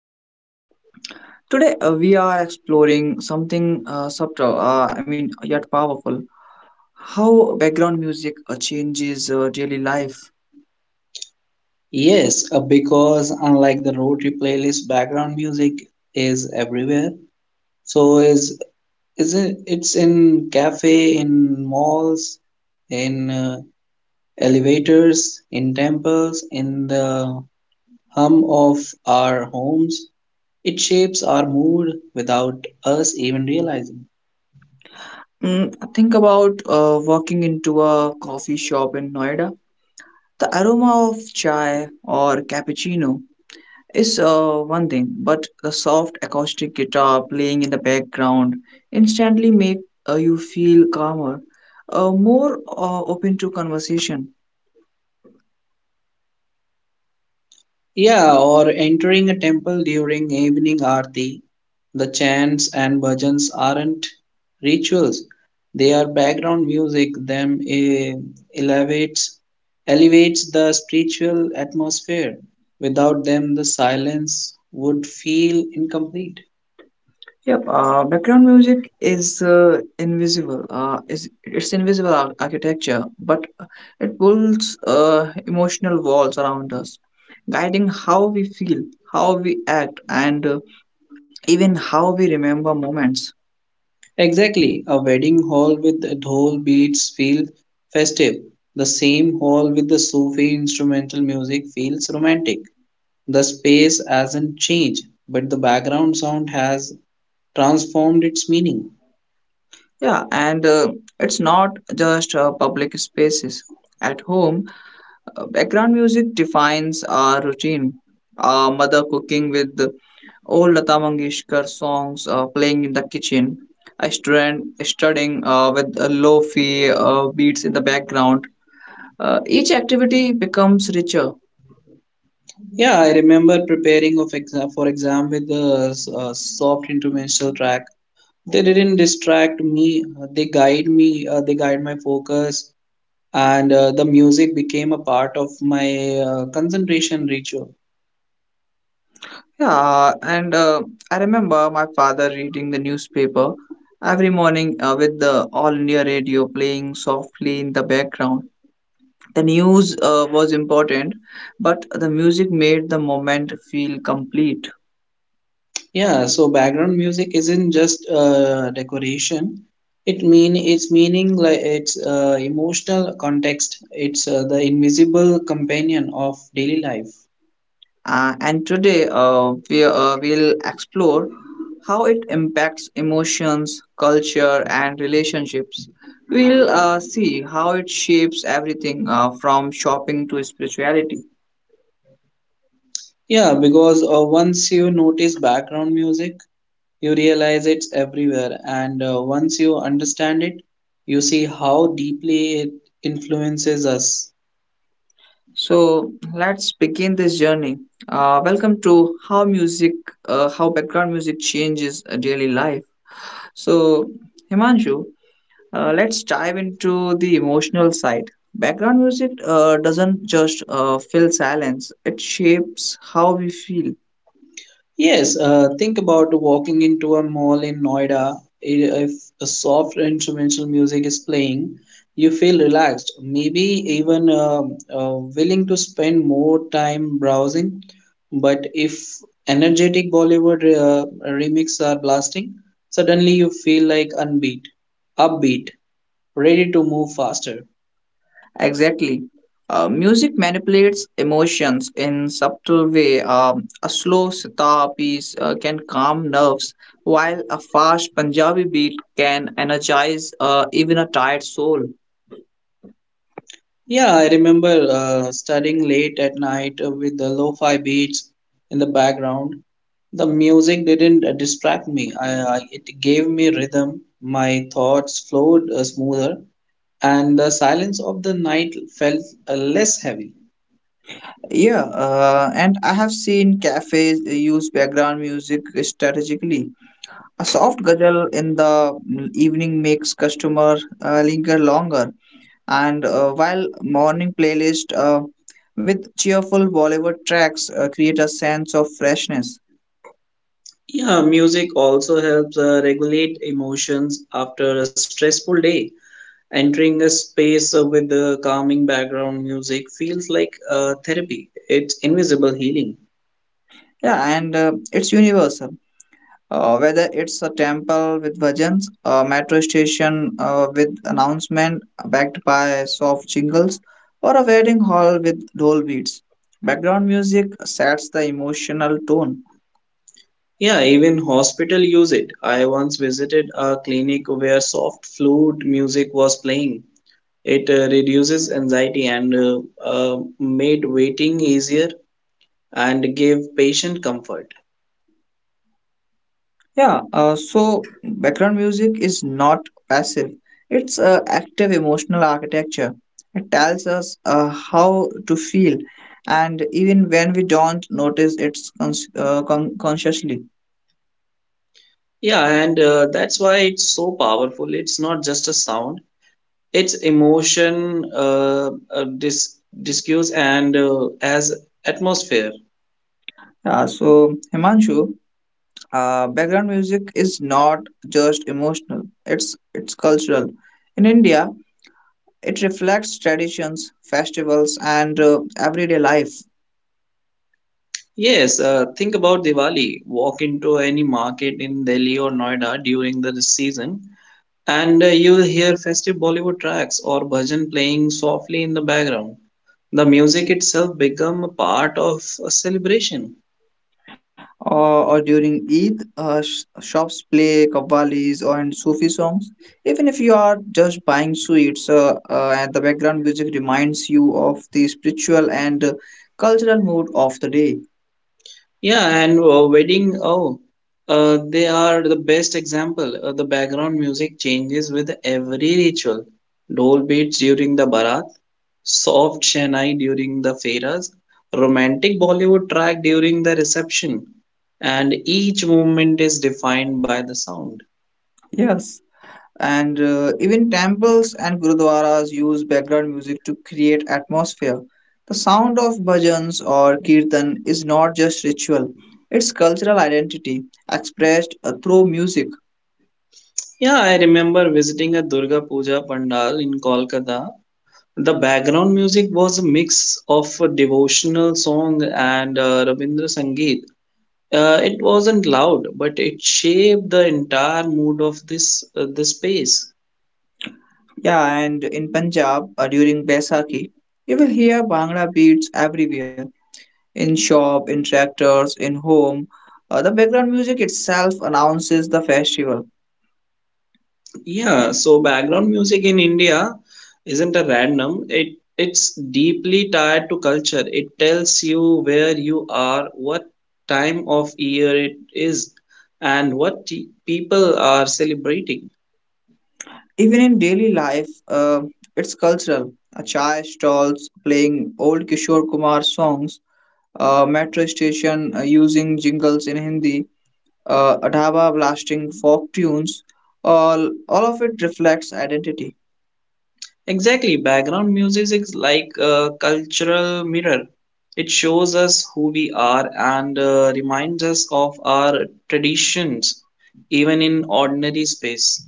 journey. Today we are exploring something subtle, I mean, yet powerful how background music changes daily life. Yes, because unlike the road trip playlist, background music is everywhere. So is is it? It's in cafe, in malls, in elevators, in temples, in the hum of our homes. It shapes our mood without us even realizing. Mm, think about walking into a coffee shop in Noida. The aroma of chai or cappuccino is one thing, but the soft acoustic guitar playing in the background instantly make you feel calmer, more open to conversation. Yeah, or entering a temple during evening aarti, the chants and bhajans aren't rituals. They are background music. Elevates elevates the spiritual atmosphere. Without them, the silence would feel incomplete. Yep, background music is invisible. Is it's invisible architecture, but it pulls emotional walls around us, guiding how we feel, how we act, and even how we remember moments. Exactly, a wedding hall with dhol beats feels festive. The same hall with the Sufi instrumental music feels romantic. The space hasn't changed, but the background sound has transformed its meaning. Yeah, and it's not just public spaces. At home, background music defines our routine. Our mother cooking with Old Lata Mangeshkar songs playing in the kitchen. I stand studying with low-fi beats in the background. Each activity becomes richer. Yeah, I remember preparing of exam for exam with a soft instrumental track. They didn't distract me. They guide me. They guide my focus, and the music became a part of my concentration ritual. Yeah, and I remember my father reading the newspaper every morning with the All India Radio playing softly in the background. The news was important, but the music made the moment feel complete. Yeah, so background music isn't just decoration. It mean it's meaning like it's emotional context. It's the invisible companion of daily life. And today we will explore how it impacts emotions, culture, and relationships. We'll see how it shapes everything from shopping to spirituality. Yeah, because once you notice background music, you realize it's everywhere, and once you understand it, you see how deeply it influences us. So let's begin this journey. Welcome to how music, how background music changes a daily life. So Himanshu, let's dive into the emotional side. Background music doesn't just fill silence, it shapes how we feel. Yes, think about walking into a mall in Noida. If a soft instrumental music is playing, you feel relaxed, maybe even willing to spend more time browsing. But if energetic Bollywood remixes are blasting, suddenly you feel like upbeat, ready to move faster. Exactly. Music manipulates emotions in subtle way. A slow sitar piece can calm nerves, while a fast Punjabi beat can energize even a tired soul. Yeah, I remember studying late at night with the lo-fi beats in the background. The music didn't distract me. It gave me rhythm. My thoughts flowed smoother, and the silence of the night felt less heavy. Yeah, and I have seen cafes use background music strategically. A soft guzzle in the evening makes customer linger longer, and while morning playlist with cheerful Bollywood tracks create a sense of freshness. Yeah, music also helps regulate emotions after a stressful day. Entering a space with the calming background music feels like therapy. It's invisible healing. Yeah, and it's universal. Whether it's a temple with bhajans, a metro station with announcement backed by soft jingles, or a wedding hall with dole beats, background music sets the emotional tone. Yeah, even hospital use it. I once visited a clinic where soft flute music was playing. It reduces anxiety and made waiting easier and gave patient comfort. Yeah, so background music is not passive. It's active emotional architecture. It tells us how to feel, and even when we don't notice it consciously. Yeah, and that's why it's so powerful. It's not just a sound; it's emotion, discuss, and as atmosphere. Yeah, so Himanshu, background music is not just emotional. It's cultural. In India, it reflects traditions, festivals, and everyday life. Yes, think about Diwali. Walk into any market in Delhi or Noida during the season. And you'll hear festive Bollywood tracks or bhajan playing softly in the background. The music itself become a part of a celebration. Or during Eid, shops play kavalis or and Sufi songs. Even if you are just buying sweets, and the background music reminds you of the spiritual and cultural mood of the day. Yeah, and wedding, oh, they are the best example. The background music changes with every ritual. Dole beats during the barat, soft Chennai during the fairas, romantic Bollywood track during the reception, and each movement is defined by the sound. Yes. And even temples and gurudwaras use background music to create atmosphere. The sound of bhajans or kirtan is not just ritual, it's cultural identity expressed through music. Yeah, I remember visiting a Durga Puja Pandal in Kolkata. The background music was a mix of a devotional song and Rabindra Sangeet. It wasn't loud, but it shaped the entire mood of this the space. Yeah, and in Punjab during Baisakhi, you will hear Bhangra beats everywhere in shop, in tractors, in home. The background music itself announces the festival. Yeah, so background music in India isn't a random. It's deeply tied to culture. It tells you where you are, what time of year it is, and what people are celebrating. Even in daily life, it's cultural. A chai stalls playing old Kishore Kumar songs, a metro station using jingles in Hindi, a dhaba blasting folk tunes. All of it reflects identity. Exactly, background music is like a cultural mirror. It shows us who we are and reminds us of our traditions, even in ordinary space.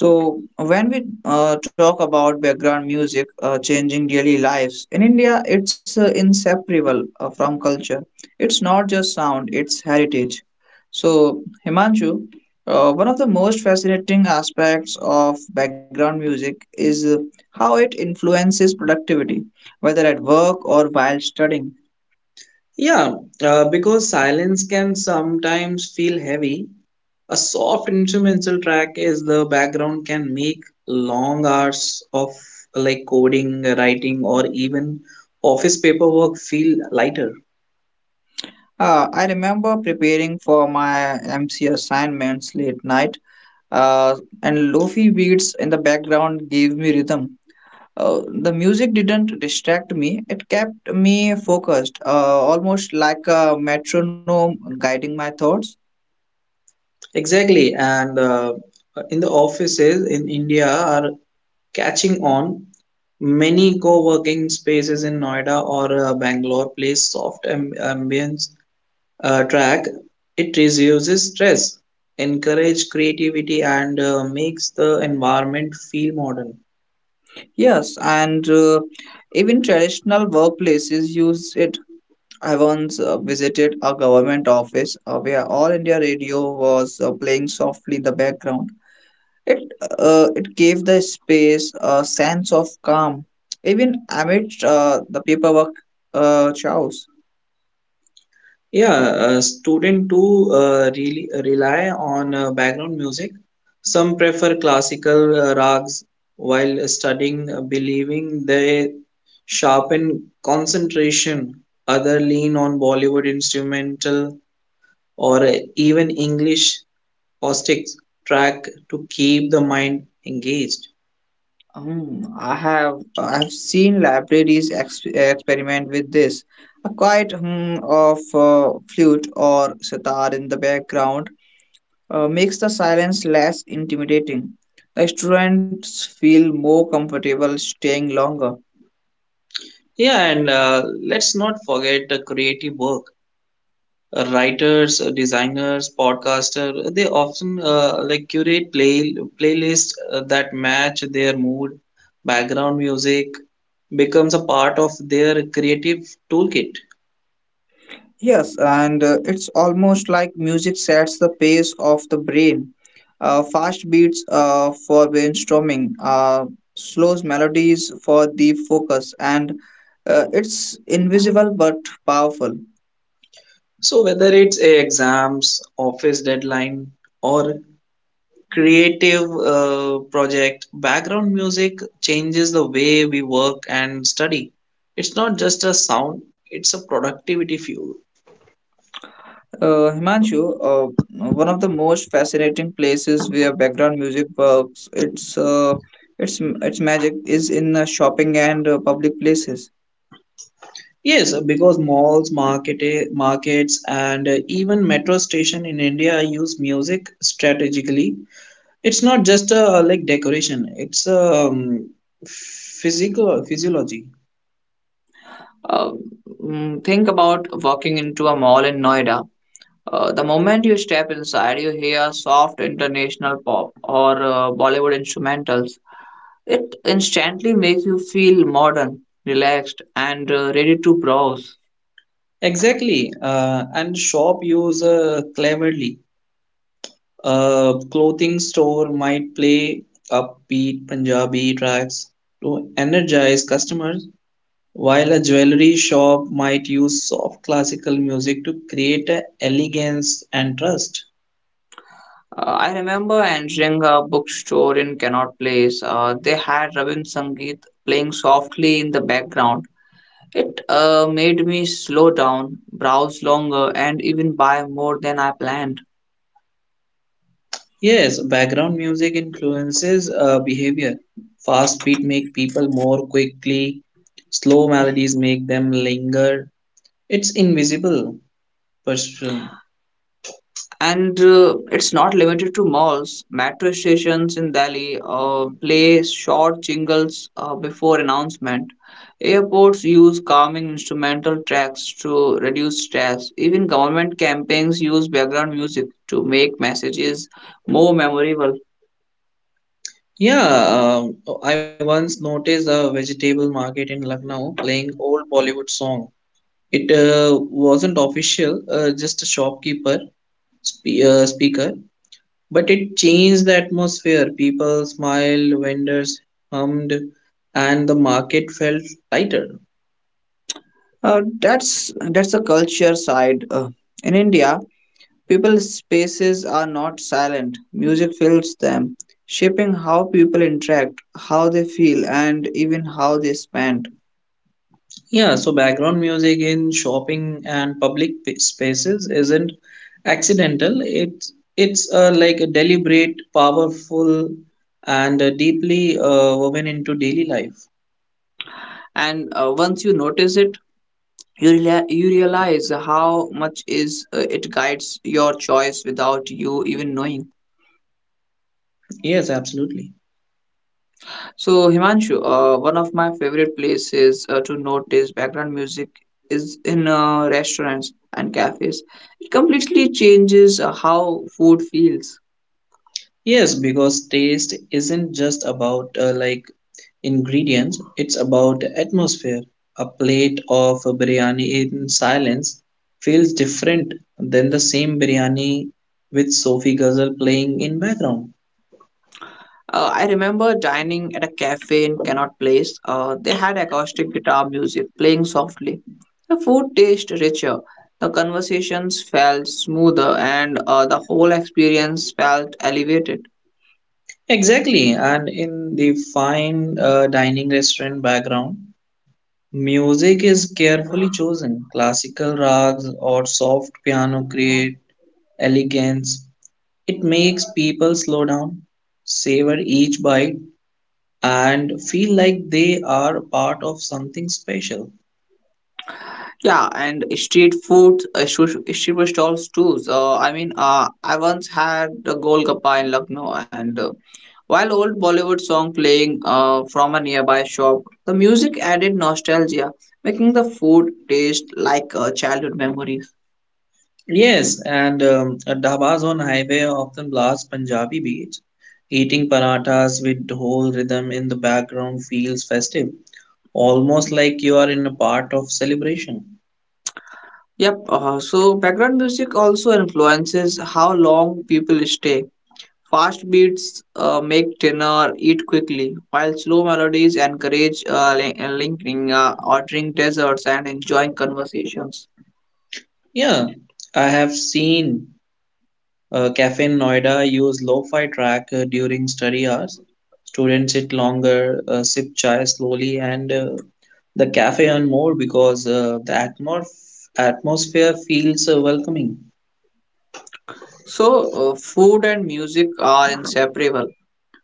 So, when we talk about background music changing daily lives, in India it's inseparable from culture. It's not just sound, it's heritage. So, Himanshu, one of the most fascinating aspects of background music is how it influences productivity, whether at work or while studying. Yeah, because silence can sometimes feel heavy, a soft instrumental track is the background can make long hours of like coding, writing, or even office paperwork feel lighter. I remember preparing for my MC assignments late night uh, and lofi beats in the background gave me rhythm. The music didn't distract me, it kept me focused, almost like a metronome guiding my thoughts. Exactly, and in the offices in India are catching on. Many co-working spaces in Noida or Bangalore place soft ambience track, it reduces stress, encourage creativity, and makes the environment feel modern. Yes, and even traditional workplaces use it. I once visited a government office where All India Radio was playing softly in the background. It, it gave the space a sense of calm, even amid the paperwork chaos. Yeah, student too really rely on background music. Some prefer classical rags while studying, believing they sharpen concentration. Other lean on Bollywood instrumental or even English acoustic track to keep the mind engaged. Hmm, I have seen libraries experiment with this. A quiet hum of flute or sitar in the background makes the silence less intimidating. The students feel more comfortable staying longer. Yeah, and let's not forget the creative work. Writers, designers, podcaster they often like curate playlists that match their mood. Background music becomes a part of their creative toolkit. Yes, and it's almost like music sets the pace of the brain. Fast beats for brainstorming, slow melodies for deep focus, and it's invisible but powerful. So whether it's exams, office deadline, or creative project, background music changes the way we work and study. It's not just a sound, it's a productivity fuel. Himanshu, one of the most fascinating places where background music works, its magic is in shopping and public places. Yes, because malls, markets, and even metro station in India use music strategically. It's not just like decoration; it's physical physiology. Uh, think about walking into a mall in Noida. The moment you step inside, you hear soft international pop or Bollywood instrumentals. It instantly makes you feel modern, relaxed, and ready to browse. Exactly, and shop use cleverly. A clothing store might play upbeat Punjabi tracks to energize customers. While a jewelry shop might use soft classical music to create a elegance and trust. I remember entering a bookstore in Connaught Place. They had Ravin Sangeet playing softly in the background. It made me slow down, browse longer, and even buy more than I planned. Yes, background music influences behavior. Fast beat make people more quickly. Slow melodies make them linger. It's invisible person. And it's not limited to malls. Metro stations in Delhi play short jingles before announcement. Airports use calming instrumental tracks to reduce stress. Even government campaigns use background music to make messages more memorable. Yeah, um, I once noticed a vegetable market in Lucknow playing old Bollywood song. It wasn't official, just a shopkeeper speaker. But it changed the atmosphere. People smiled, vendors hummed, and the market felt lighter. That's the culture side. In India, people's spaces are not silent, music fills them, shaping how people interact, how they feel, and even how they spend. Yeah, so background music in shopping and public spaces isn't accidental. It's like a deliberate, powerful, and deeply woven into daily life. And once you notice it, you realize how much is it guides your choice without you even knowing. Yes, absolutely. So Himanshu, one of my favorite places to notice background music is in restaurants and cafes. It completely changes how food feels. Yes, because taste isn't just about like ingredients, it's about atmosphere. A plate of biryani in silence feels different than the same biryani with Sophie Ghazal playing in background. I remember dining at a cafe in Cannot Place. They had acoustic guitar music playing softly. The food tasted richer, the conversations felt smoother, and the whole experience felt elevated. Exactly, and in the fine dining restaurant background, music is carefully chosen. Classical rags or soft piano create elegance. It makes people slow down, savor each bite, and feel like they are part of something special. Yeah, and street food, street food stalls too. So, I mean, I once had the Golgappa in Lucknow, and while old Bollywood song playing from a nearby shop, the music added nostalgia, making the food taste like childhood memories. Yes, and at dhabas on highway often blast Punjabi beats. Eating parathas with whole rhythm in the background feels festive, almost like you are in a part of celebration. Yep, so background music also influences how long people stay. Fast beats make dinner eat quickly, while slow melodies encourage lingering, ordering desserts, and enjoying conversations. Yeah, I have seen Cafe Noida use lo-fi track during study hours. Students sit longer, sip chai slowly, and the cafe earn more because the atmosphere feels welcoming. So, food and music are inseparable.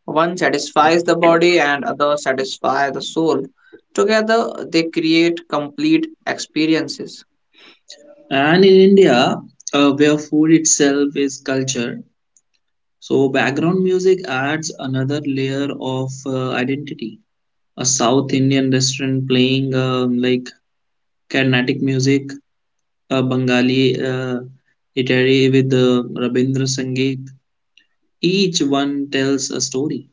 One satisfies the body and other satisfy the soul. Together they create complete experiences. And in India, where food itself is culture, so background music adds another layer of identity. A South Indian restaurant playing like Carnatic music, a Bengali iterary with Rabindra Sangeet. Each one tells a story.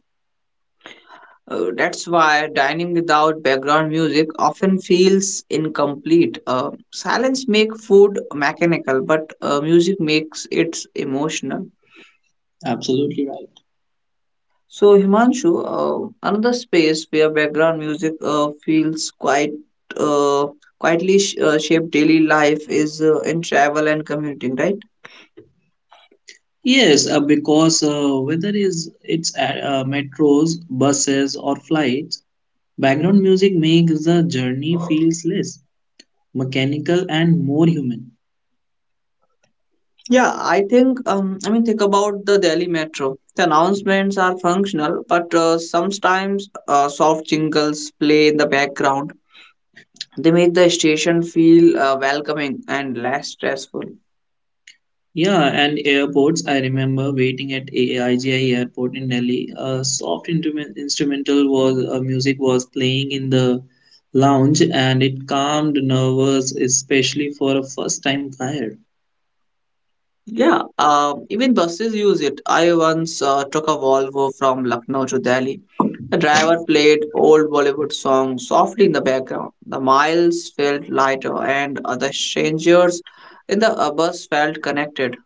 That's why dining without background music often feels incomplete. Silence makes food mechanical, but music makes it emotional. Absolutely right. So Himanshu, another space where background music feels quite uh, quietly shape daily life is in travel and commuting, right? Yes, because whether is it's a- metros, buses, or flights, background music makes the journey feels less mechanical and more human. Yeah, I think, I mean, think about the Delhi Metro. The announcements are functional, but sometimes soft jingles play in the background. They make the station feel welcoming and less stressful. Yeah, and airports. I remember waiting at AIGI airport in Delhi. A soft instrumental was music was playing in the lounge, and it calmed nerves, especially for a first-time flyer. Yeah, even buses use it. I once took a Volvo from Lucknow to Delhi. The driver played old Bollywood songs softly in the background. The miles felt lighter, and the strangers in the bus felt connected.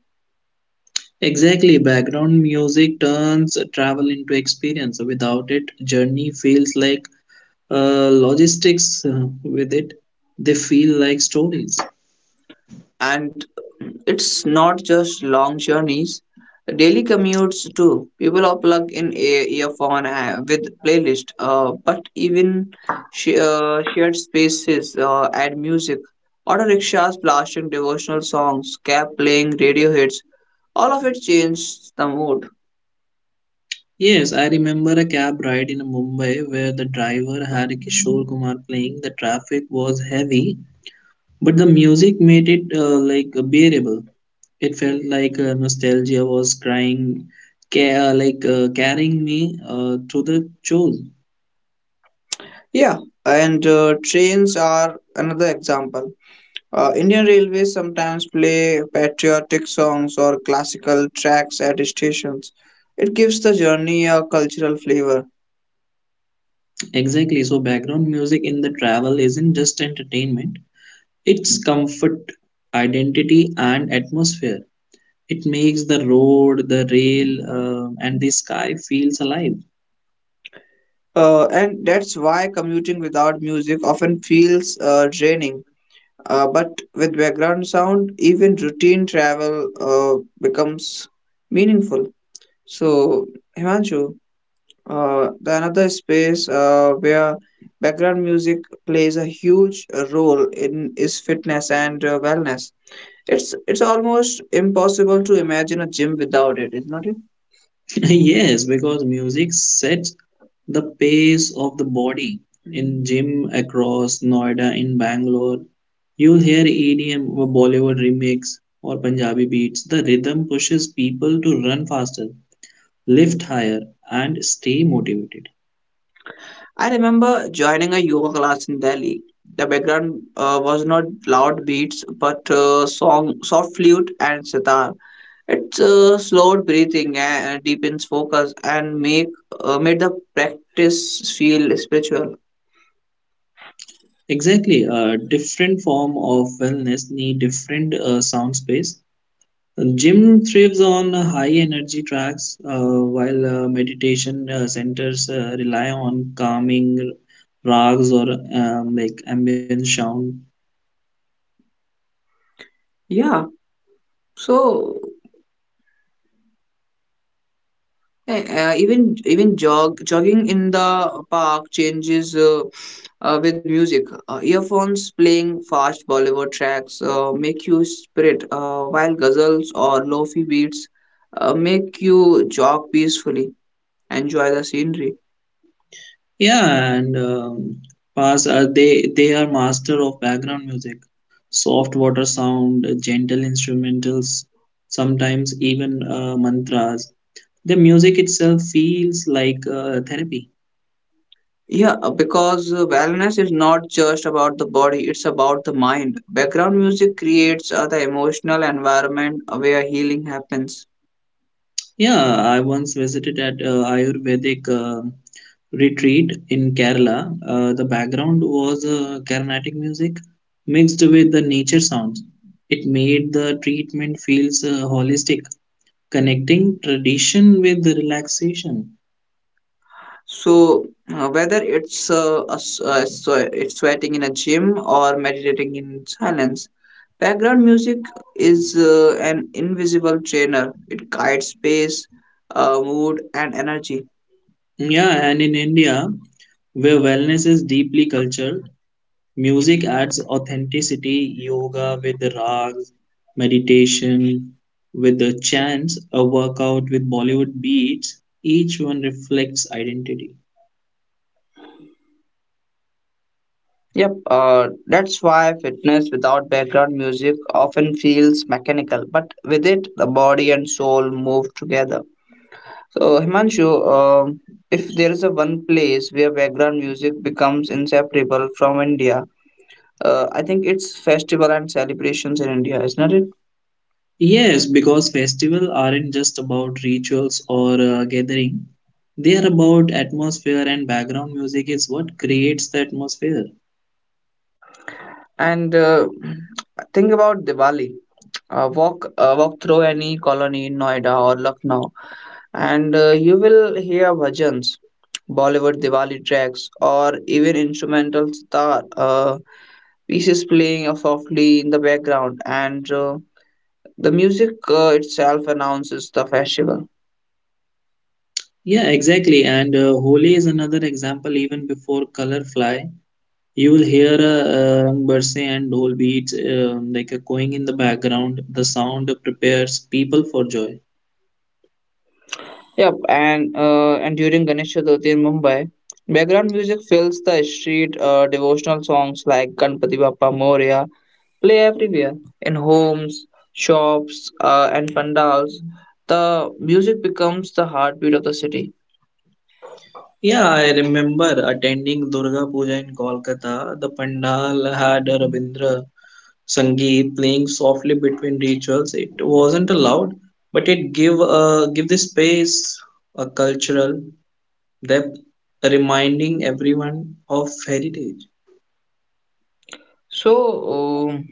Exactly, background music turns travel into experience. Without it, journey feels like logistics. With it, they feel like stories. And it's not just long journeys, daily commutes too, people are plugged in a earphone with playlist, but even shared spaces add music, auto rickshaws blasting devotional songs, cab playing radio hits, all of it changes the mood. Yes, I remember a cab ride in Mumbai where the driver had Kishore Kumar playing. The traffic was heavy, but the music made it like bearable. It felt like nostalgia was crying, like carrying me through the shows. Yeah, and trains are another example. Indian Railways sometimes play patriotic songs or classical tracks at stations. It gives the journey a cultural flavor. Exactly. So background music in the travel isn't just entertainment; it's comfort, identity, and atmosphere. It makes the road, the rail, and the sky feels alive. And that's why commuting without music often feels draining. But with background sound, even routine travel becomes meaningful. So, Himanshu, the another space where background music plays a huge role in is fitness and wellness. It's almost impossible to imagine a gym without it, isn't it? Yes, because music sets the pace of the body. In gym across Noida, in Bangalore, you'll hear EDM, or Bollywood remix, or Punjabi beats. The rhythm pushes people to run faster, lift higher, and stay motivated. I remember joining a yoga class in Delhi. The background was not loud beats, but soft flute and sitar. It slowed breathing and deepens focus and make made the practice feel spiritual. Exactly, a different form of wellness need different sound space. Gym thrives on high energy tracks, while meditation centers rely on calming rags or like ambient sound. Yeah. So Eh, even even jog jogging in the park changes with music. Earphones playing fast Bollywood tracks make you spirit, while ghazals or lofi beats make you jog peacefully, enjoy the scenery. Yeah, and pass they are master of background music, soft water sound, gentle instrumentals, sometimes even mantras. The music itself feels like therapy. Yeah, because wellness is not just about the body; it's about the mind. Background music creates the emotional environment where healing happens. Yeah, I once visited at Ayurvedic retreat in Kerala. The background was Carnatic music mixed with the nature sounds. It made the treatment feels holistic, connecting tradition with the relaxation. So, whether it's a s- a swe- it's sweating in a gym or meditating in silence, background music is an invisible trainer. It guides pace, mood, and energy. Yeah, and in India, where wellness is deeply cultural, music adds authenticity, yoga with rags, meditation with the chants, a workout with Bollywood beats, each one reflects identity. Yep, that's why fitness without background music often feels mechanical, but with it, the body and soul move together. So, Himanshu, um if there is a one place where background music becomes inseparable from India, I think it's festival and celebrations in India, isn't it? Yes, because festivals aren't just about rituals or gathering. They are about atmosphere and background music is what creates the atmosphere. And Think about Diwali. Walk through any colony in Noida or Lucknow, and you will hear bhajans, Bollywood Diwali tracks, or even instrumental sitar pieces playing softly in the background, and the music itself announces the festival. Yeah, exactly. And Holi is another example. Even before color fly, you will hear a Rang barse and dhol beats like a going in the background. The sound prepares people for joy. Yep, and during Ganesh Chaturthi in Mumbai, background music fills the street. Devotional songs like Ganpati Bappa Moria play everywhere in homes, shops, and pandals. The music becomes the heartbeat of the city. Yeah, I remember attending Durga Puja in Kolkata. The pandal had a Rabindra Sangeet playing softly between rituals. It wasn't allowed, but it give the space a cultural depth, reminding everyone of heritage. So. um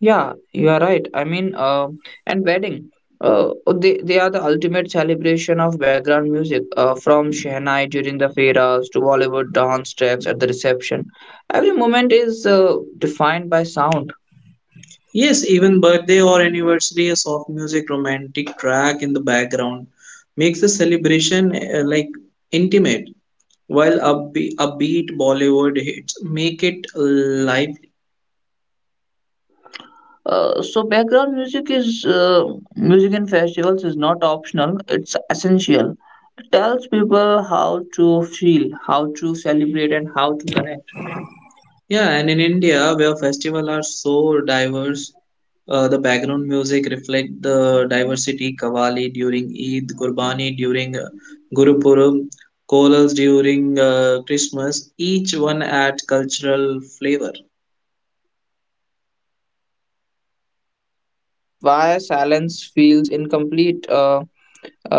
Yeah, you are right. And wedding, they are the ultimate celebration of background music, from Shehnai during the fairas to Bollywood dance tracks at the reception. Every moment is defined by sound. Yes, even birthday or anniversary, a soft music, romantic track in the background makes the celebration like intimate, while upbeat Bollywood hits make it lively. So background music is Music in festivals is not optional; it's essential. It tells people how to feel, how to celebrate, and how to connect. Yeah, and in India, where festivals are so diverse, the background music reflect the diversity. Kavali during Eid, Gurbani during Gurupuram, Kolals during Christmas. Each one adds cultural flavor. Hmm. So that's why silence feels incomplete. Uh,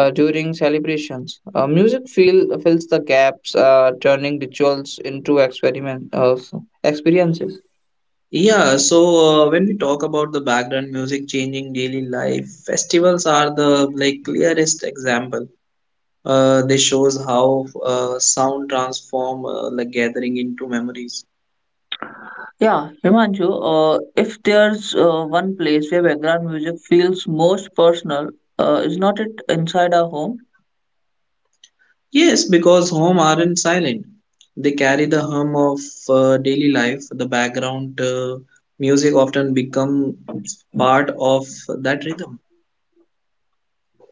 uh, During celebrations, fills the gaps, turning rituals into experiment experiences. Yeah, So when we talk about the background music changing daily life, festivals are the clearest example. They shows how sound transform like gathering into memories. Yeah, Himanshu, if there's one place where background music feels most personal, is not it inside our home? Yes, because home aren't silent. They carry the hum of daily life. The background music often become part of that rhythm.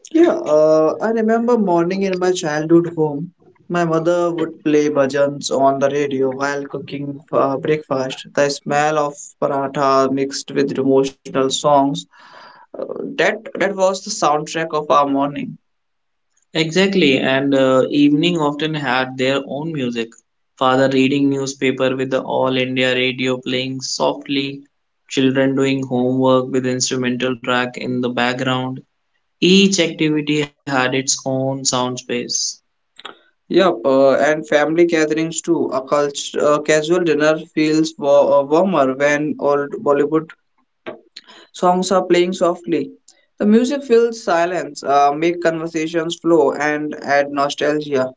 Yeah, I remember morning in my childhood home, my mother would play bhajans on the radio while cooking breakfast. The smell of paratha mixed with emotional songs, uh, that was the soundtrack of our morning. Exactly, and evening often had their own music. Father reading newspaper with the All India radio playing softly, children doing homework with instrumental track in the background. Each activity had its own sound space. Yep, and family gatherings too. A casual dinner feels warmer when old Bollywood songs are playing softly. The music fills silence, make conversations flow, and add nostalgia.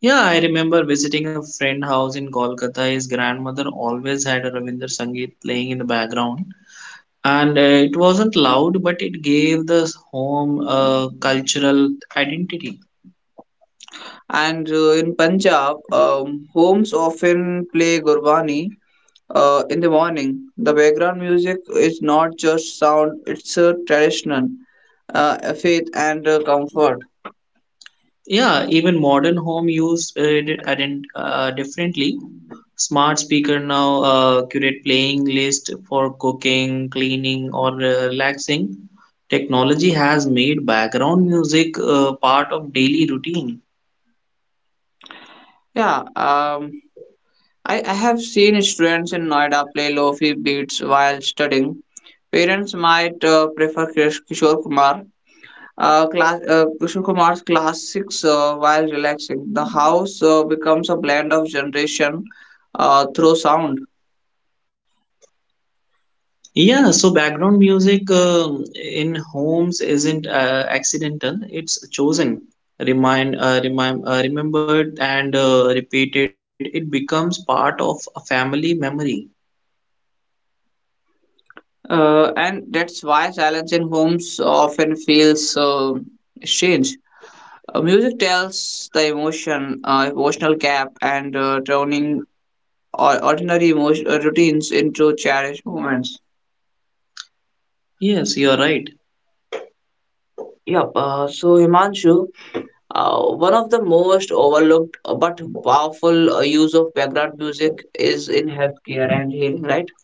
Yeah, I remember visiting a friend house in Kolkata. His grandmother always had a Ravindra Sangeet playing in the background. And it wasn't loud, but it gave the home a cultural identity. And in Punjab, homes often play Gurbani in the morning. The background music is not just sound, it's a traditional a faith and comfort. Yeah, even modern home use it differently. Smart speaker now curate playing list for cooking, cleaning, or relaxing. Technology has made background music part of daily routine. Yeah, I have seen students in Noida play lofi beats while studying. Parents might Kishore Kumar. Kishore Kumar's classics while relaxing. The house becomes a blend of generation through sound. Yeah, so background music in homes isn't accidental; it's chosen, remembered, and repeated. It becomes part of a family memory. And that's why silence in homes often feels strange. Music tells the emotion, emotional gap, and turning ordinary routines into cherished moments. Yes, you are right. Yep. So Himanshu, one of the most overlooked but powerful use of background music is in healthcare and healing, right?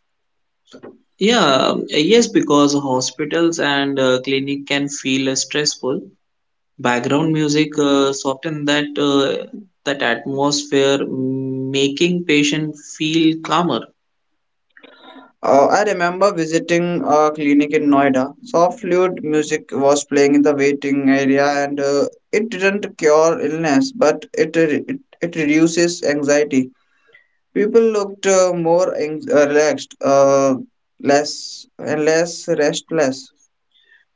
Yeah, yes, because hospitals and clinic can feel stressful. Background music soften that atmosphere, making patient feel calmer. I remember visiting a clinic in Noida. Soft flute music was playing in the waiting area, and it didn't cure illness, but it reduces anxiety. People looked relaxed, less and less restless.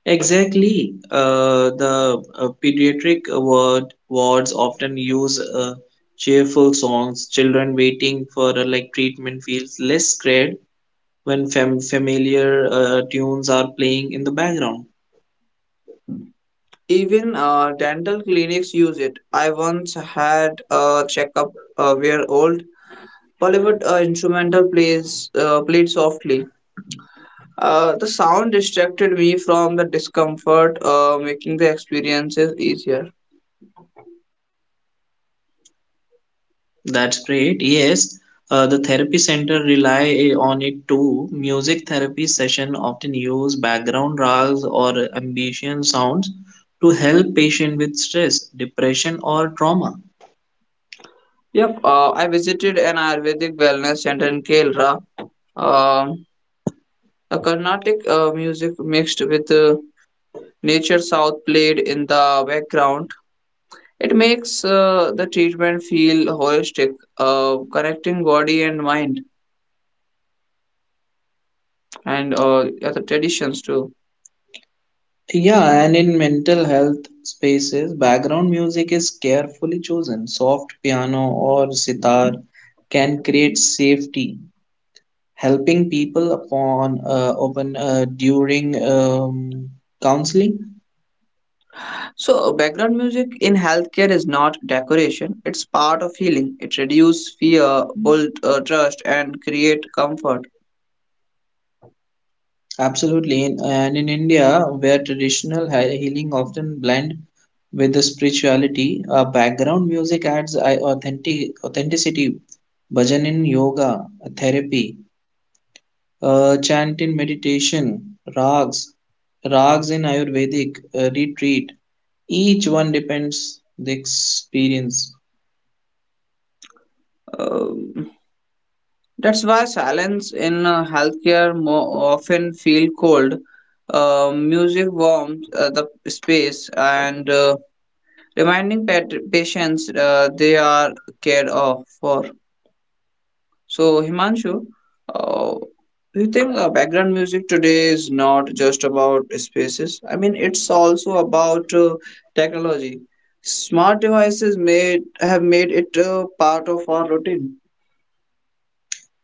Exactly. The pediatric wards often use cheerful songs. Children waiting for treatment feels less scared when familiar tunes are playing in the background. Even dental clinics use it. I once had a checkup where old Bollywood instrumental plays played softly. The sound distracted me from the discomfort, making the experiences easier. That's great. Yes, the therapy center rely on it too. Music therapy session often use background rags or ambient sounds to help patient with stress, depression, or trauma. Yep, I visited an Ayurvedic wellness center in Kerala. Um the Carnatic music mixed with nature south played in the background. It makes the treatment feel holistic, connecting body and mind, and other traditions too. Yeah, and in mental health spaces, background music is carefully chosen. Soft piano or sitar can create safety, helping people upon open during counseling. So, background music in healthcare is not decoration, it's part of healing. It reduces fear, build trust, and create comfort. Absolutely, in- and in India, where traditional healing often blend with the spirituality, background music adds authenticity. Bhajan in yoga therapy, chant in meditation, rags, rags in Ayurvedic retreat. Each one depends the experience. Uh, that's why silence in healthcare more often feel cold. Music warms the space and reminding patients they are cared of for. So, Himanshu, uh, do you think background music today is not just about spaces? I mean, it's also about technology. Smart devices made have made it part of our routine.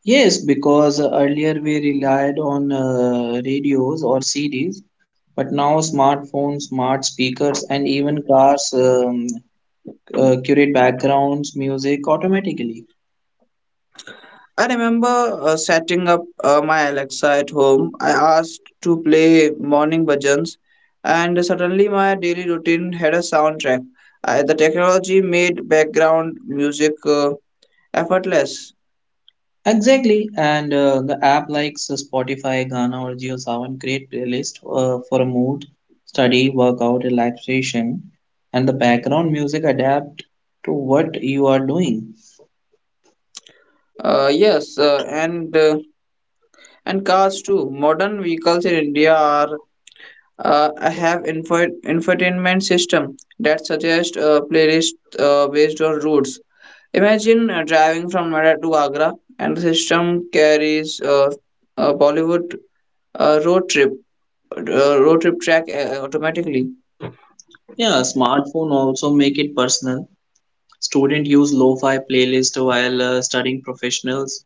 Yes, because earlier we relied on radios or CDs, but now smartphones, smart speakers, and even cars curate backgrounds, music automatically. I remember setting up my Alexa at home. I asked to play morning bhajans, and suddenly my daily routine had a soundtrack. The technology made background music effortless. Exactly, and the app like Spotify, Gaana, or JioSaavn create playlist for a mood, study, workout, relaxation, and the background music adapt to what you are doing. Uh, yes, uh, and uh, and cars too. Modern vehicles in India are have infotainment system that suggest playlist based on routes. Imagine driving from Noida to Agra, and the system carries a Bollywood uh, road trip road trip track automatically. Yeah, smartphone also make it personal. Students use lo-fi playlist while studying, professionals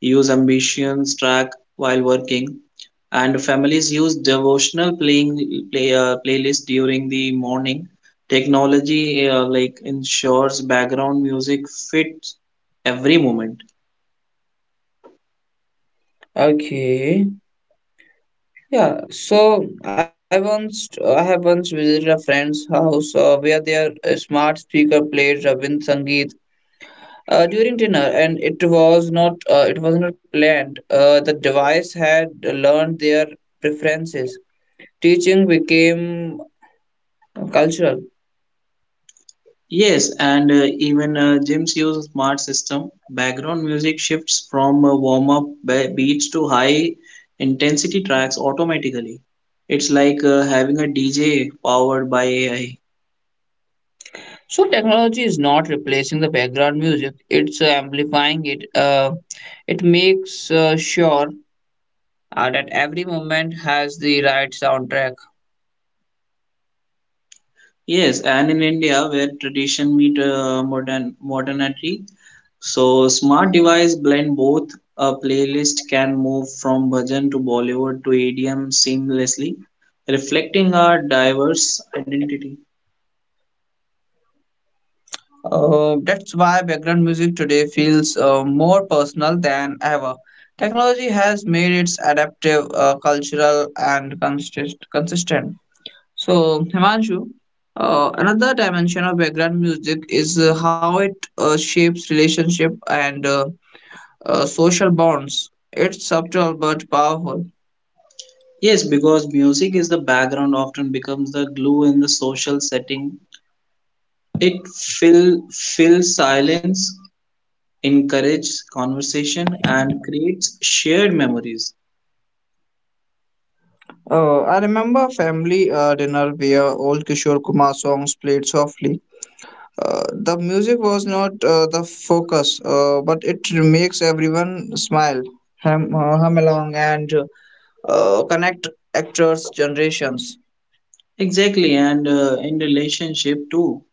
use ambitions track while working, and families use devotional playlist during the morning. Technology ensures background music fits every moment. Okay. Yeah, so I have once visited a friend's house where their smart speaker played Rabindra Sangeet during dinner, and it was not planned. The device had learned their preferences. Teaching became cultural. Yes, and even gyms use a smart system. Background music shifts from warm up beats to high intensity tracks automatically. It's like having a DJ powered by AI. So technology is not replacing the background music, it's amplifying it. It makes sure that every moment has the right soundtrack. Yes, and in India, where tradition meet modernity, so smart device blend both. A playlist can move from bhajan to Bollywood to EDM seamlessly, reflecting our diverse identity. That's why background music today feels more personal than ever. Technology has made its adaptive, cultural, and consistent. So, Himanshu, another dimension of background music is how it shapes relationship and social bonds. It's subtle but powerful. Yes, because music is the background often becomes the glue in the social setting. It fills silence, encourages conversation, and creates shared memories. I remember a family dinner where old Kishore Kumar songs played softly. The music was not the focus, but it makes everyone smile, hum along, and connect actors' generations. Exactly, and in relationship too,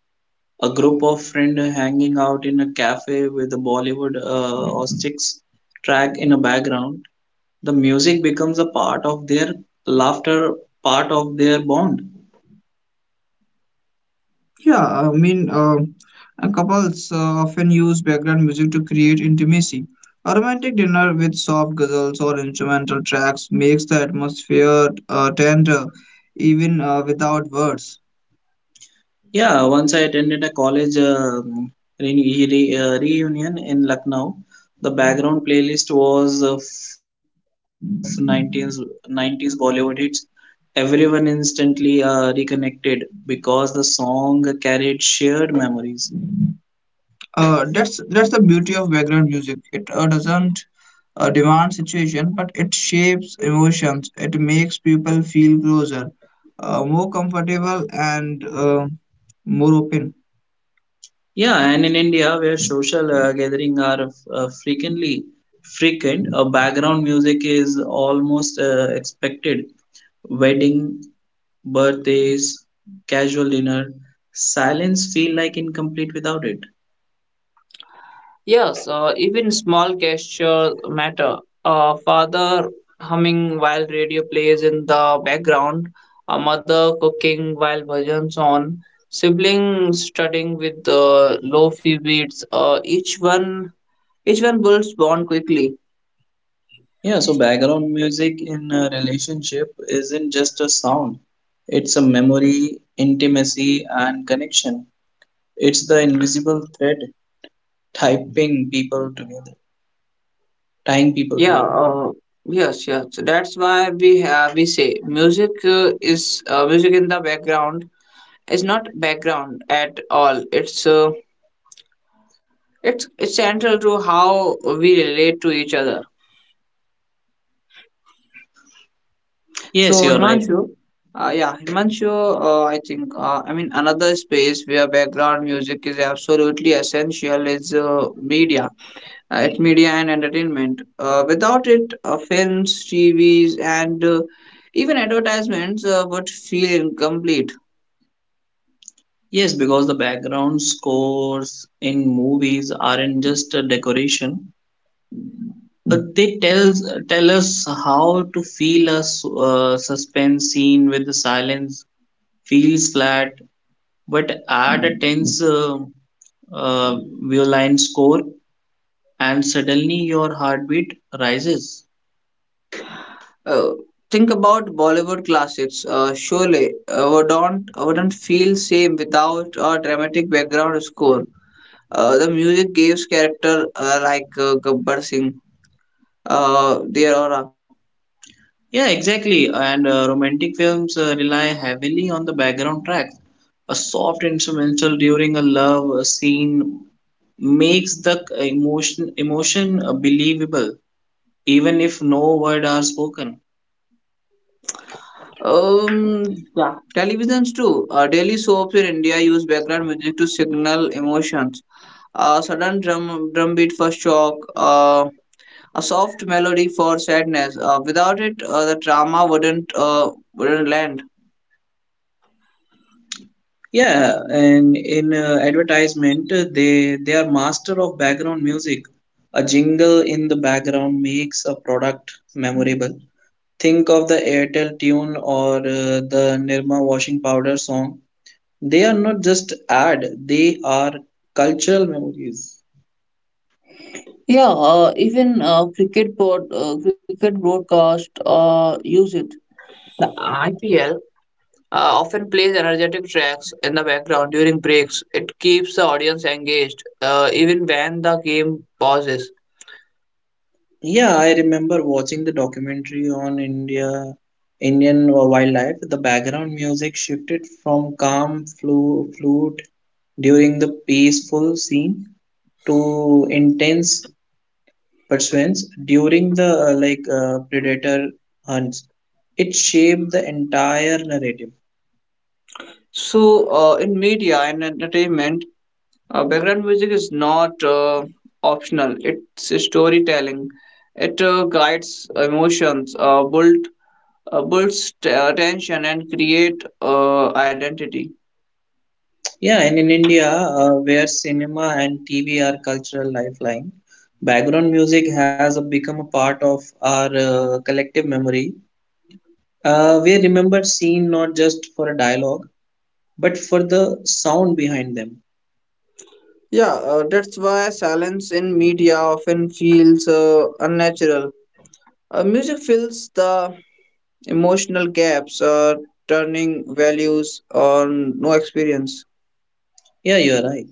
a group of friends hanging out in a cafe with a Bollywood or sticks track in a background, the music becomes a part of their laughter, part of their bond. Yeah, and couples often use background music to create intimacy. A romantic dinner with soft guzzles or instrumental tracks makes the atmosphere tender, even without words. Yeah, once I attended a college reunion in Lucknow. The background playlist was full of '90s Bollywood hits. Everyone instantly reconnected because the song carried shared memories. That's the beauty of background music. It doesn't demand situation, but it shapes emotions. It makes people feel closer, more comfortable, and more open. Yeah, and in India, where social gatherings are uh, frequently frequent, background music is almost expected. Wedding birthdays, casual dinner, silence feel like incomplete without it. Yes, even small gestures matter. A father humming while radio plays in the background, a mother cooking while bhajan's on, siblings studying with low fee beats. Each one builds bond quickly. Yeah, so background music in a relationship isn't just a sound. It's a memory, intimacy, and connection. It's the invisible thread typing people together, tying people Yeah, together. Yes. So that's why we say music in the background is not background at all. It's central to how we relate to each other. Yes, So you're right. Himanshu, I think another space where background music is absolutely essential is media and entertainment. Without it, films, TVs, and even advertisements would feel incomplete. Yes, because the background scores in movies aren't just a decoration. They tell us how to feel. A suspense scene with the silence feels flat, but add a tense uh, violin score and suddenly your heartbeat rises. Uh, think about Bollywood classics. Sholay wouldn't feel same without a dramatic background score. The music gives character like Gabbar Singh their aura. Yeah, exactly. And romantic films rely heavily on the background track. A soft instrumental during a love scene makes the emotion believable even if no word are spoken. Um, yeah. Televisions too. Daily soaps in India use background music to signal emotions: a sudden drumbeat for shock, a soft melody for sadness. Without it, the drama wouldn't land. Yeah, and in advertisement, they are master of background music. A jingle in the background makes a product memorable. Think of the Airtel tune or the Nirma washing powder song. They are not just ad; they are cultural memories. Yeah, even cricket broadcast use it. The IPL often plays energetic tracks in the background during breaks. It keeps the audience engaged even when the game pauses. Yeah, I remember watching the documentary on Indian wildlife. The background music shifted from calm flute during the peaceful scene to intense pursuits during the predator hunts. It shaped the entire narrative. So, in media and entertainment, background music is not optional, it's storytelling. It guides emotions, builds attention, and create identity. Yeah, and in India, where cinema and TV are cultural lifeline, background music has become a part of our collective memory. We remember scene not just for a dialogue, but for the sound behind them. Yeah, that's why silence in media often feels unnatural. Music fills the emotional gaps, turning values on no experience. Yeah, you are right.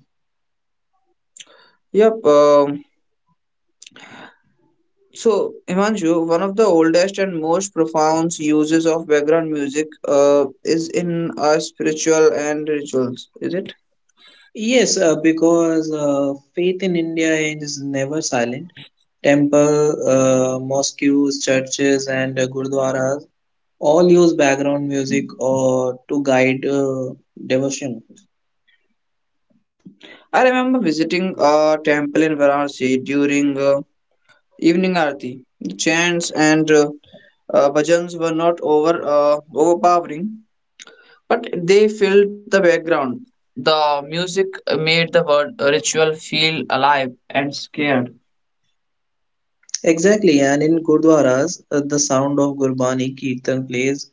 Yep. So, Himanshu, one of the oldest and most profound uses of background music is in spiritual and rituals, is it? Yes, because faith in India is never silent. Temple, mosques, churches, and gurdwaras all use background music or to guide devotion. I remember visiting a temple in Varanasi during evening aarti. The chants and bhajans were not overpowering, but they filled the background. The music made the word ritual feel alive and scared. Exactly, and in gurdwaras, the sound of Gurbani Kirtan plays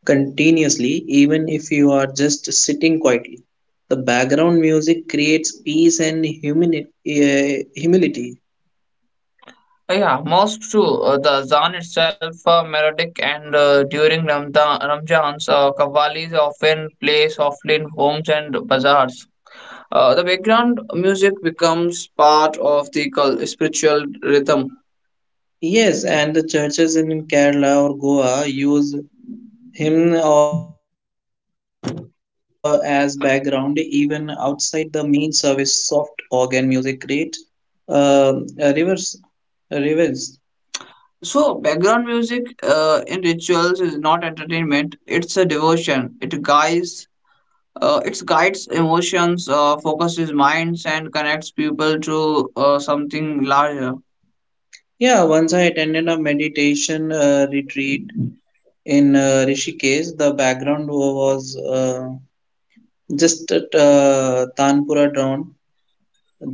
continuously, even if you are just sitting quietly. The background music creates peace and humility. Oh, yeah, most true. The Zan itself, melodic, and during Ramjans, qawwalis often play softly in homes and bazaars. The background music becomes part of the spiritual rhythm. Yes, and the churches in Kerala or Goa use him or as background even outside the main service. Soft organ music create uh, a reverse a reverse. So, background music in rituals is not entertainment; it's a devotion. It guides emotions, focuses minds, and connects people to something larger. Yeah, once I attended a meditation retreat in Rishikesh. The background was just a tanpura drone.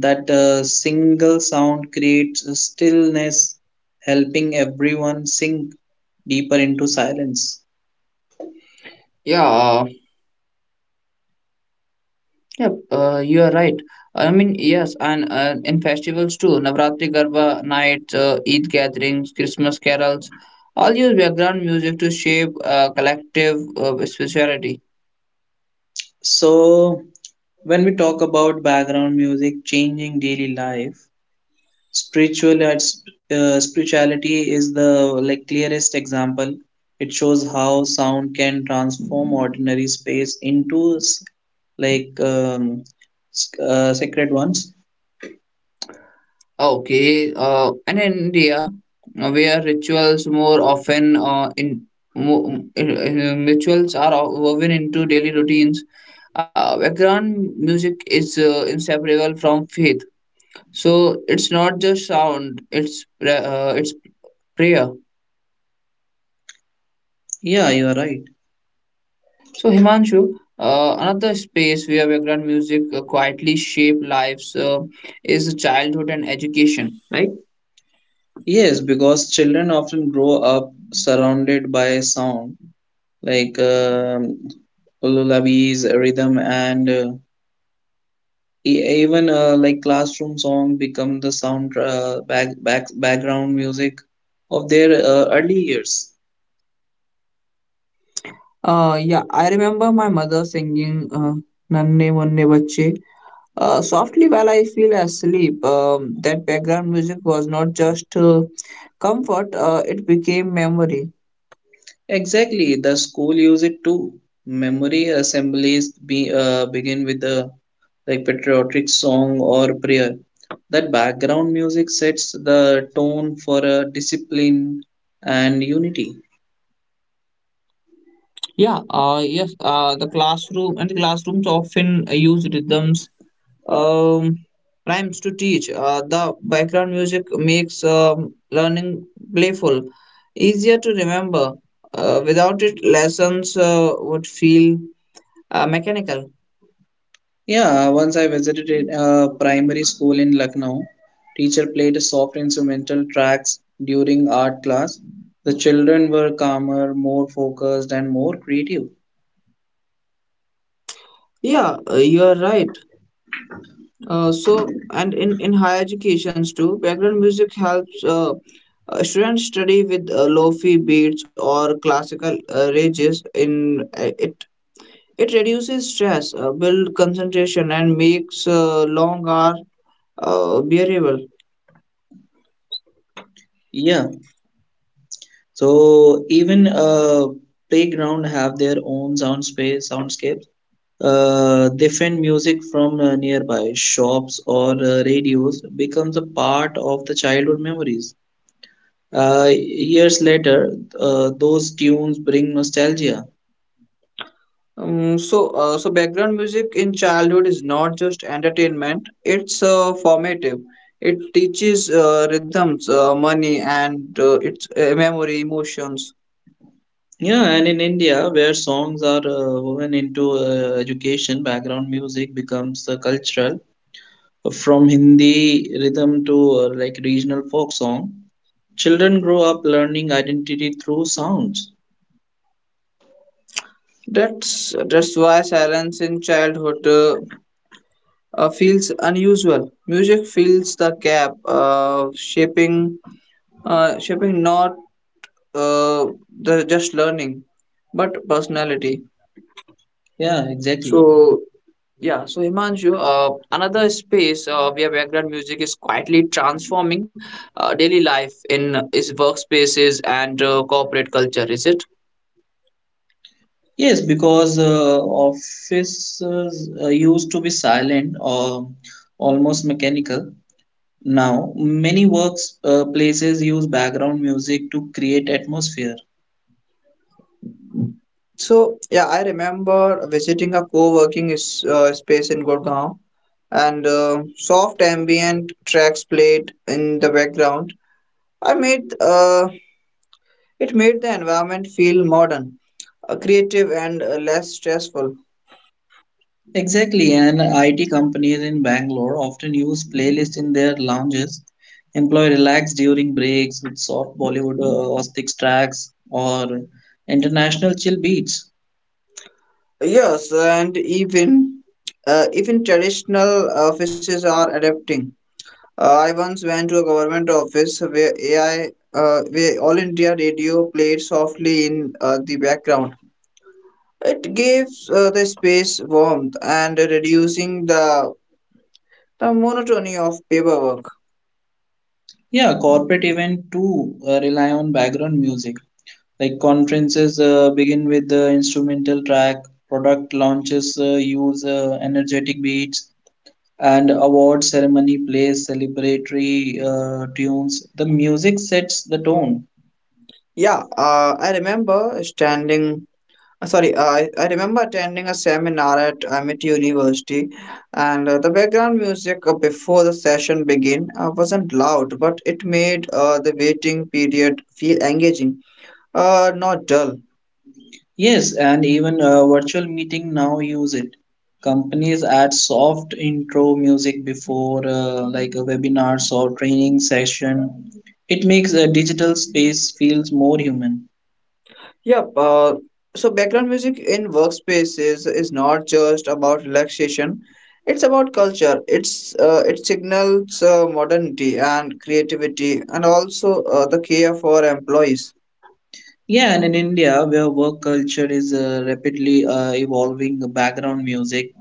That single sound creates a stillness helping everyone sink deeper into silence. Yeah, yep, you are right. I mean, yes, and in festivals too, Navratri Garba nights, Eid gatherings, Christmas carols, all use background music to shape collective spirituality. So, when we talk about background music changing daily life, spiritual uh, spirituality is the clearest example. It shows how sound can transform ordinary space into like um, sacred ones. Okay, and in India, where rituals more often rituals are woven into daily routines, background music is inseparable from faith. So it's not just sound; it's Priya. Yeah, you are right. So, Himanshu, another space where background music quietly shape lives is childhood and education, right? Yes, because children often grow up surrounded by sound, like lullabies, rhythm, and even classroom song become the sound background music of their early years. Yeah, I remember my mother singing Nanne Vanne Bache softly while I feel asleep. That background music was not just comfort, it became memory. Exactly, the school use it too. Memory assemblies begin with the patriotic song or prayer. That background music sets the tone for a discipline and unity. Yeah, the classroom and the classrooms often use rhythms um, rhymes to teach. The background music makes learning playful, easier to remember. Without it, lessons would feel mechanical. Yeah, once I visited a primary school in Lucknow. Teacher played soft instrumental tracks during art class. The children were calmer, more focused, and more creative. Yeah, you are right. So, in higher educations too, background music helps students study with fi beats or classical ranges. It reduces stress, build concentration, and makes long hours variable. Yeah, so even playground have their own soundscapes. Different music from nearby shops or radios becomes a part of the childhood memories. Years later, those tunes bring nostalgia. So, background music in childhood is not just entertainment; it's formative. It teaches rhythms, money, and its memory, emotions. Yeah, and in India, where songs are woven into education, background music becomes cultural. From Hindi rhythm to regional folk song, children grow up learning identity through sounds. That's why silence in childhood feels unusual. Music fills the gap, shaping not uh, the just learning, but personality. Yeah, exactly. So Yeah, so Himanshu, another space where background music is quietly transforming daily life in is workspaces and corporate culture, is it? Yes, because offices used to be silent or almost mechanical. Now, many works places use background music to create atmosphere. I remember visiting a co-working space in Gurgaon and soft ambient tracks played in the background. I made It made the environment feel modern, creative and less stressful. Exactly, and IT companies in Bangalore often use playlists in their lounges. Employee relax during breaks with soft Bollywood Austic tracks or international chill beats. Yes, and even traditional offices are adapting. I once went to a government office where All India Radio played softly in the background. It gives the space warmth and reducing the monotony of paperwork. Yeah, corporate event too rely on background music. Like conferences begin with the instrumental track, product launches use energetic beats, and award ceremony plays celebratory tunes. The music sets the tone. Yeah, I remember standing Sorry, I remember attending a seminar at Amit University, and the background music before the session began wasn't loud, but it made the waiting period feel engaging, not dull. Yes, and even virtual meeting now use it. Companies add soft intro music before webinars or training session. It makes a digital space feels more human. Yep. Uh, so background music in workspaces is not just about relaxation; it's about culture. It signals modernity and creativity, and also the care for employees. Yeah, and in India, where work culture is rapidly evolving, the background music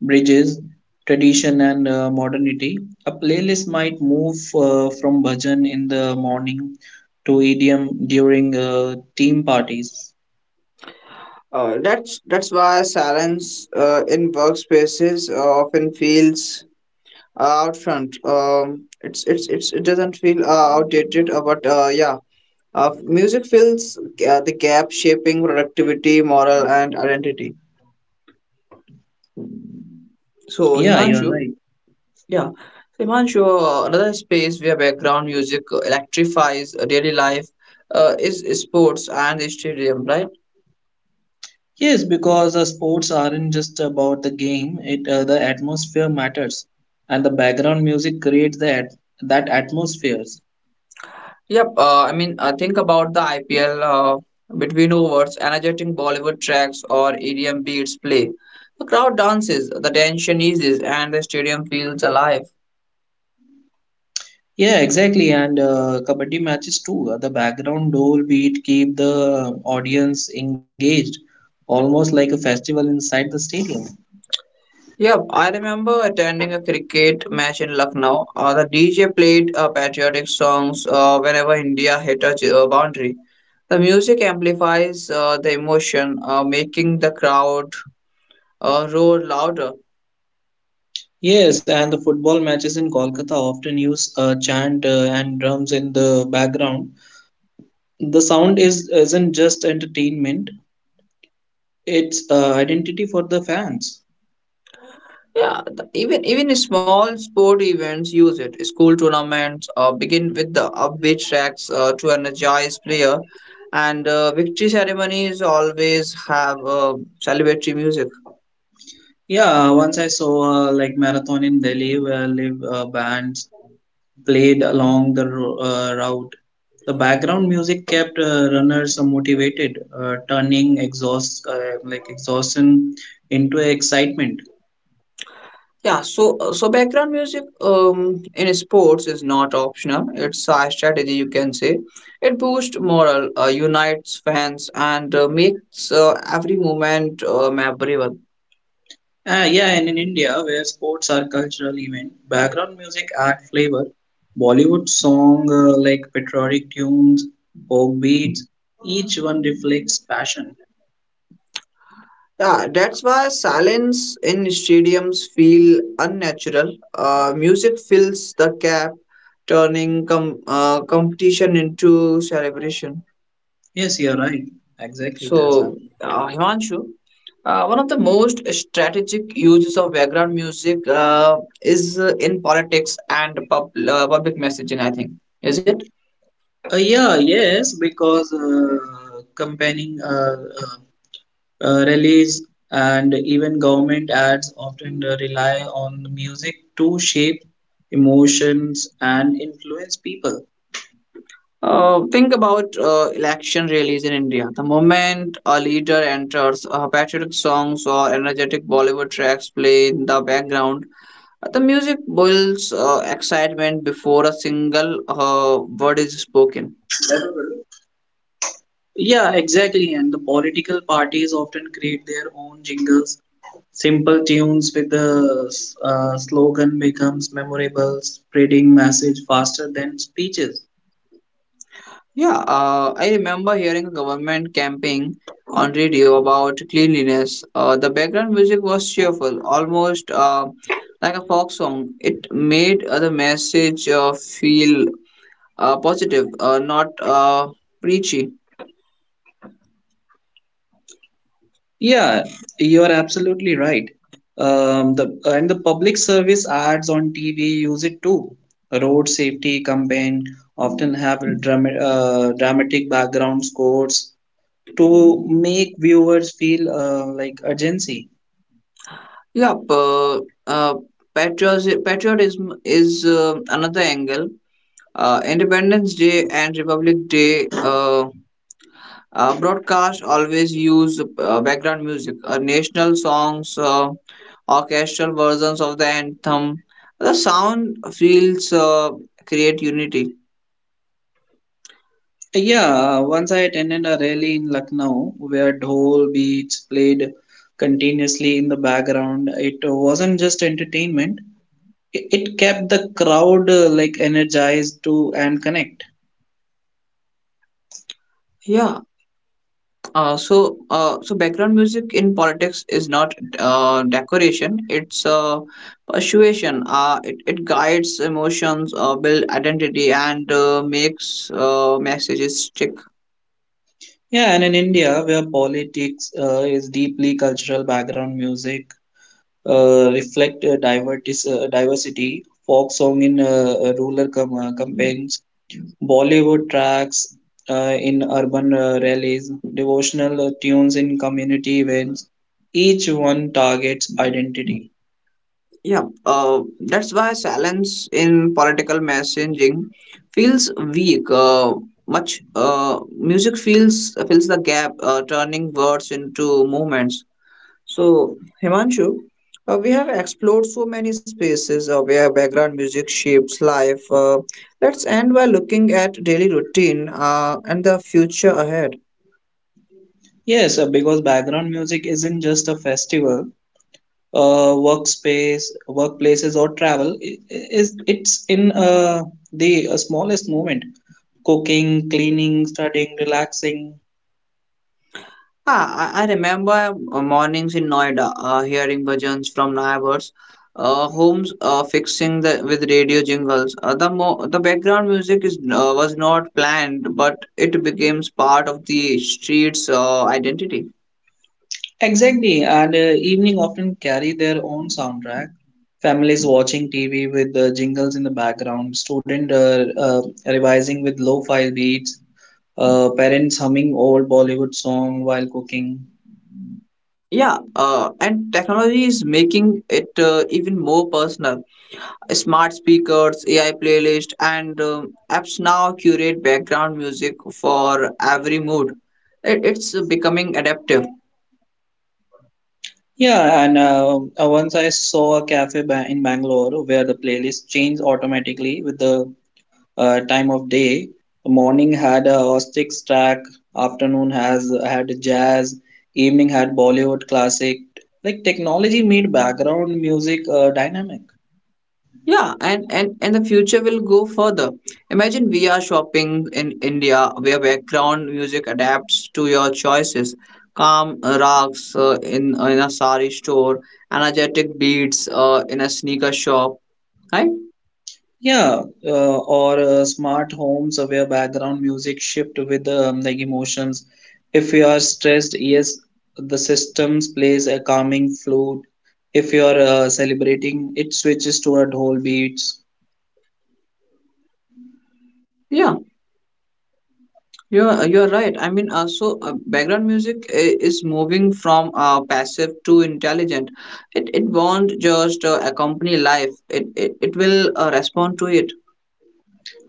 bridges tradition and modernity. A playlist might move from bhajan in the morning to EDM during team parties. That's why silence in workspaces often feels out front. It doesn't feel outdated, but music fills the gap, shaping productivity, moral, and identity. So Yeah, you're Himanshu, right. yeah, so, Himanshu, another space where background music electrifies daily life is sports and the stadium, right? Yes, because sports aren't just about the game. It the atmosphere matters, and the background music creates that atmospheres. Think about the IPL, between overs, energetic Bollywood tracks or EDM beats play. The crowd dances, the tension eases, and the stadium feels alive. Yeah, exactly. And kabaddi matches too. The background dole beat keep the audience engaged, almost like a festival inside the stadium. Yep, I remember attending a cricket match in Lucknow. The DJ played patriotic songs whenever India hit a boundary. The music amplifies the emotion, making the crowd roar louder. Yes, and the football matches in Kolkata often use chant and drums in the background. The sound is isn't just entertainment; it's identity for the fans. Yeah, even small sport events use it. School tournaments begin with the upbeat tracks to energize player, and victory ceremonies always have celebratory music. Yeah, once I saw like marathon in Delhi where live bands played along the route. The background music kept runners motivated, turning exhaustion into excitement. So background music in sports is not optional. It's a strategy you can say. It boosts morale, unites fans, and makes every moment memorable. Ah, yeah, and in India where sports are cultural event, background music add flavor. Bollywood song patriotic tunes, folk beats, each one reflects passion. Yeah, that's why silence in stadiums feel unnatural. Music fills the gap, turning competition into celebration. Yes, you're right. Exactly, that's So, happening. uh, Himanshu, one of the most strategic uses of background music is in politics and public messaging, I think. Is it? Yeah, yes, because companying uh, release and even government ads often rely on music to shape emotions and influence people. Think about election rallies in India. The moment a leader enters, patriotic songs or energetic Bollywood tracks play in the background. The music builds excitement before a single word is spoken. Yeah, exactly. And the political parties often create their own jingles. Simple tunes with the slogan becomes memorable, spreading message faster than speeches. Yeah, I remember hearing a government campaign on radio about cleanliness. The background music was cheerful, almost like a folk song. It made the message feel positive, not preachy. Yeah, you are absolutely right. The and the public service ads on TV use it too. Road safety campaign often have a dramatic background scores to make viewers feel urgency. Yeah, uh, uh, Patriotism is another angle. Independence Day and Republic Day broadcast always use background music, national songs, orchestral versions of the anthem. The sound feels create unity. Yeah, once I attended a rally in Lucknow where dhol beats played continuously in the background. It wasn't just entertainment; it kept the crowd energized to and connect. Yeah, so background music in politics is not decoration; it's persuasion. It guides emotions, build identity, and makes messages stick. Yeah, and in India, where politics is deeply cultural background music, reflect diversity, folk song in rural campaigns, Bollywood tracks in urban rallies, devotional tunes in community events, each one targets identity. Yeah, that's why silence in political messaging feels weak. Much music feels fills the gap, turning words into movements. So, Himanshu, we have explored so many spaces where background music shapes life. Let's end by looking at daily routine and the future ahead. Yes, because background music isn't just a festival, workplaces, or travel. I- is it's in the smallest moment cooking, cleaning, studying, relaxing. I remember mornings in Noida hearing bhajans from neighbors, homes fixing the with radio jingles. The background music is was not planned, but it becomes part of the street's identity. Exactly, and evening often carry their own soundtrack. Families watching TV with jingles in the background, student revising with lo-fi beats, parents humming old Bollywood song while cooking. Yeah, and technology is making it even more personal. Smart speakers, AI playlist, and apps now curate background music for every mood. It's becoming adaptive. Yeah, and once I saw a cafe in Bangalore where the playlist changed automatically with the time of day. Morning had a Austic's track, afternoon has had jazz, evening had Bollywood classic. Like technology made background music dynamic. Yeah, and the future will go further. Imagine VR shopping in India where background music adapts to your choices. Calm rocks in a sari store, energetic beats in a sneaker shop, right? Yeah, or smart homes where background music shift with emotions. If you are stressed, yes, the systems plays a calming flute. If you are celebrating, it switches toward whole beats. Yeah. Yeah, you're right. I mean, also background music is moving from passive to intelligent. It won't just accompany life. It will respond to it.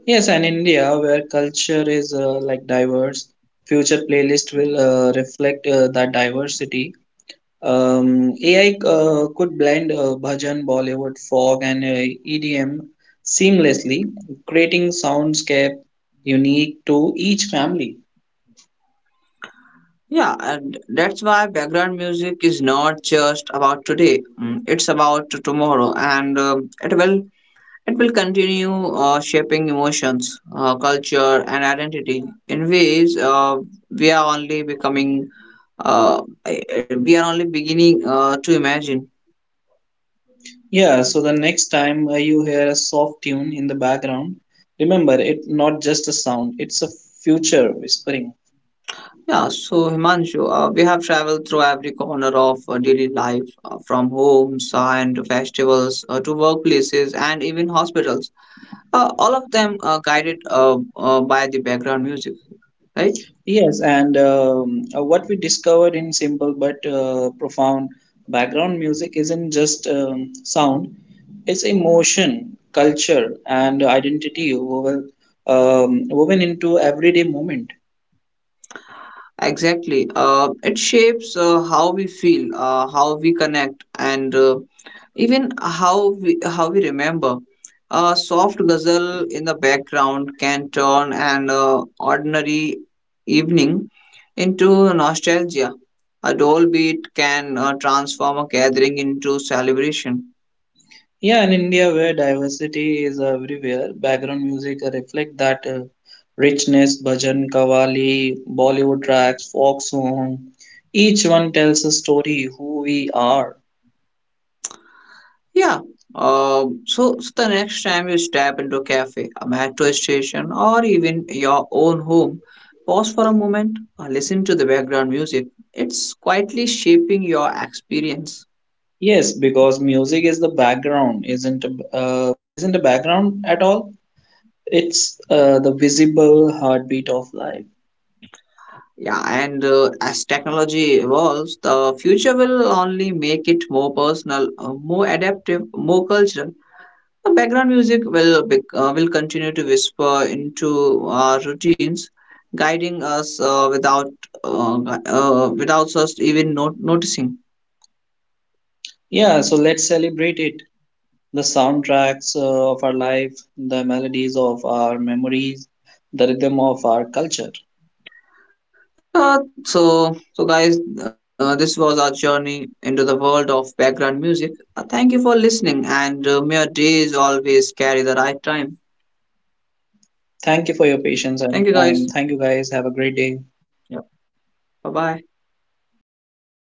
Yes, and India, where culture is diverse, future playlist will reflect that diversity. AI could blend bhajan, Bollywood, folk, and EDM seamlessly, creating soundscape unique to each family. Yeah, and that's why background music is not just about today. Mm, it's about tomorrow, and it will it will continue shaping emotions, culture, and identity in ways we are only becoming uh, we are only beginning to imagine. Yeah, so the next time you hear a soft tune in the background, remember it's not just a sound; it's a future whispering. Yeah, so Himanshu, we have traveled through every corner of daily life, from homes and festivals to workplaces and even hospitals. All of them guided by the background music, right? Yes, and what we discovered in simple but profound background music isn't just sound, it's emotion, culture, and identity woven into everyday moment. Exactly. It shapes how we feel, how we connect, and even how we remember, a soft ghazal in the background can turn an ordinary evening into nostalgia. A dull beat can transform a gathering into celebration. Yeah, in India, where diversity is everywhere, background music reflect that richness, bhajan, Kavali, Bollywood tracks, folk song. Each one tells a story who we are. Yeah. So the next time you step into a cafe, a metro station, or even your own home, pause for a moment, listen to the background music. It's quietly shaping your experience. Yes, because music is the background, isn't a background at all. It's the visible heartbeat of life. Yeah, and as technology evolves, the future will only make it more personal, more adaptive, more cultural. The background music will continue to whisper into our routines, guiding us without without us even noticing. Yeah, so let's celebrate it. The soundtracks of our life, the melodies of our memories, the rhythm of our culture. So, guys, this was our journey into the world of background music. Thank you for listening, and may your days always carry the right time. Thank you for your patience Thank you, and guys. time. Thank you guys. Have a great day. Yep. Bye bye.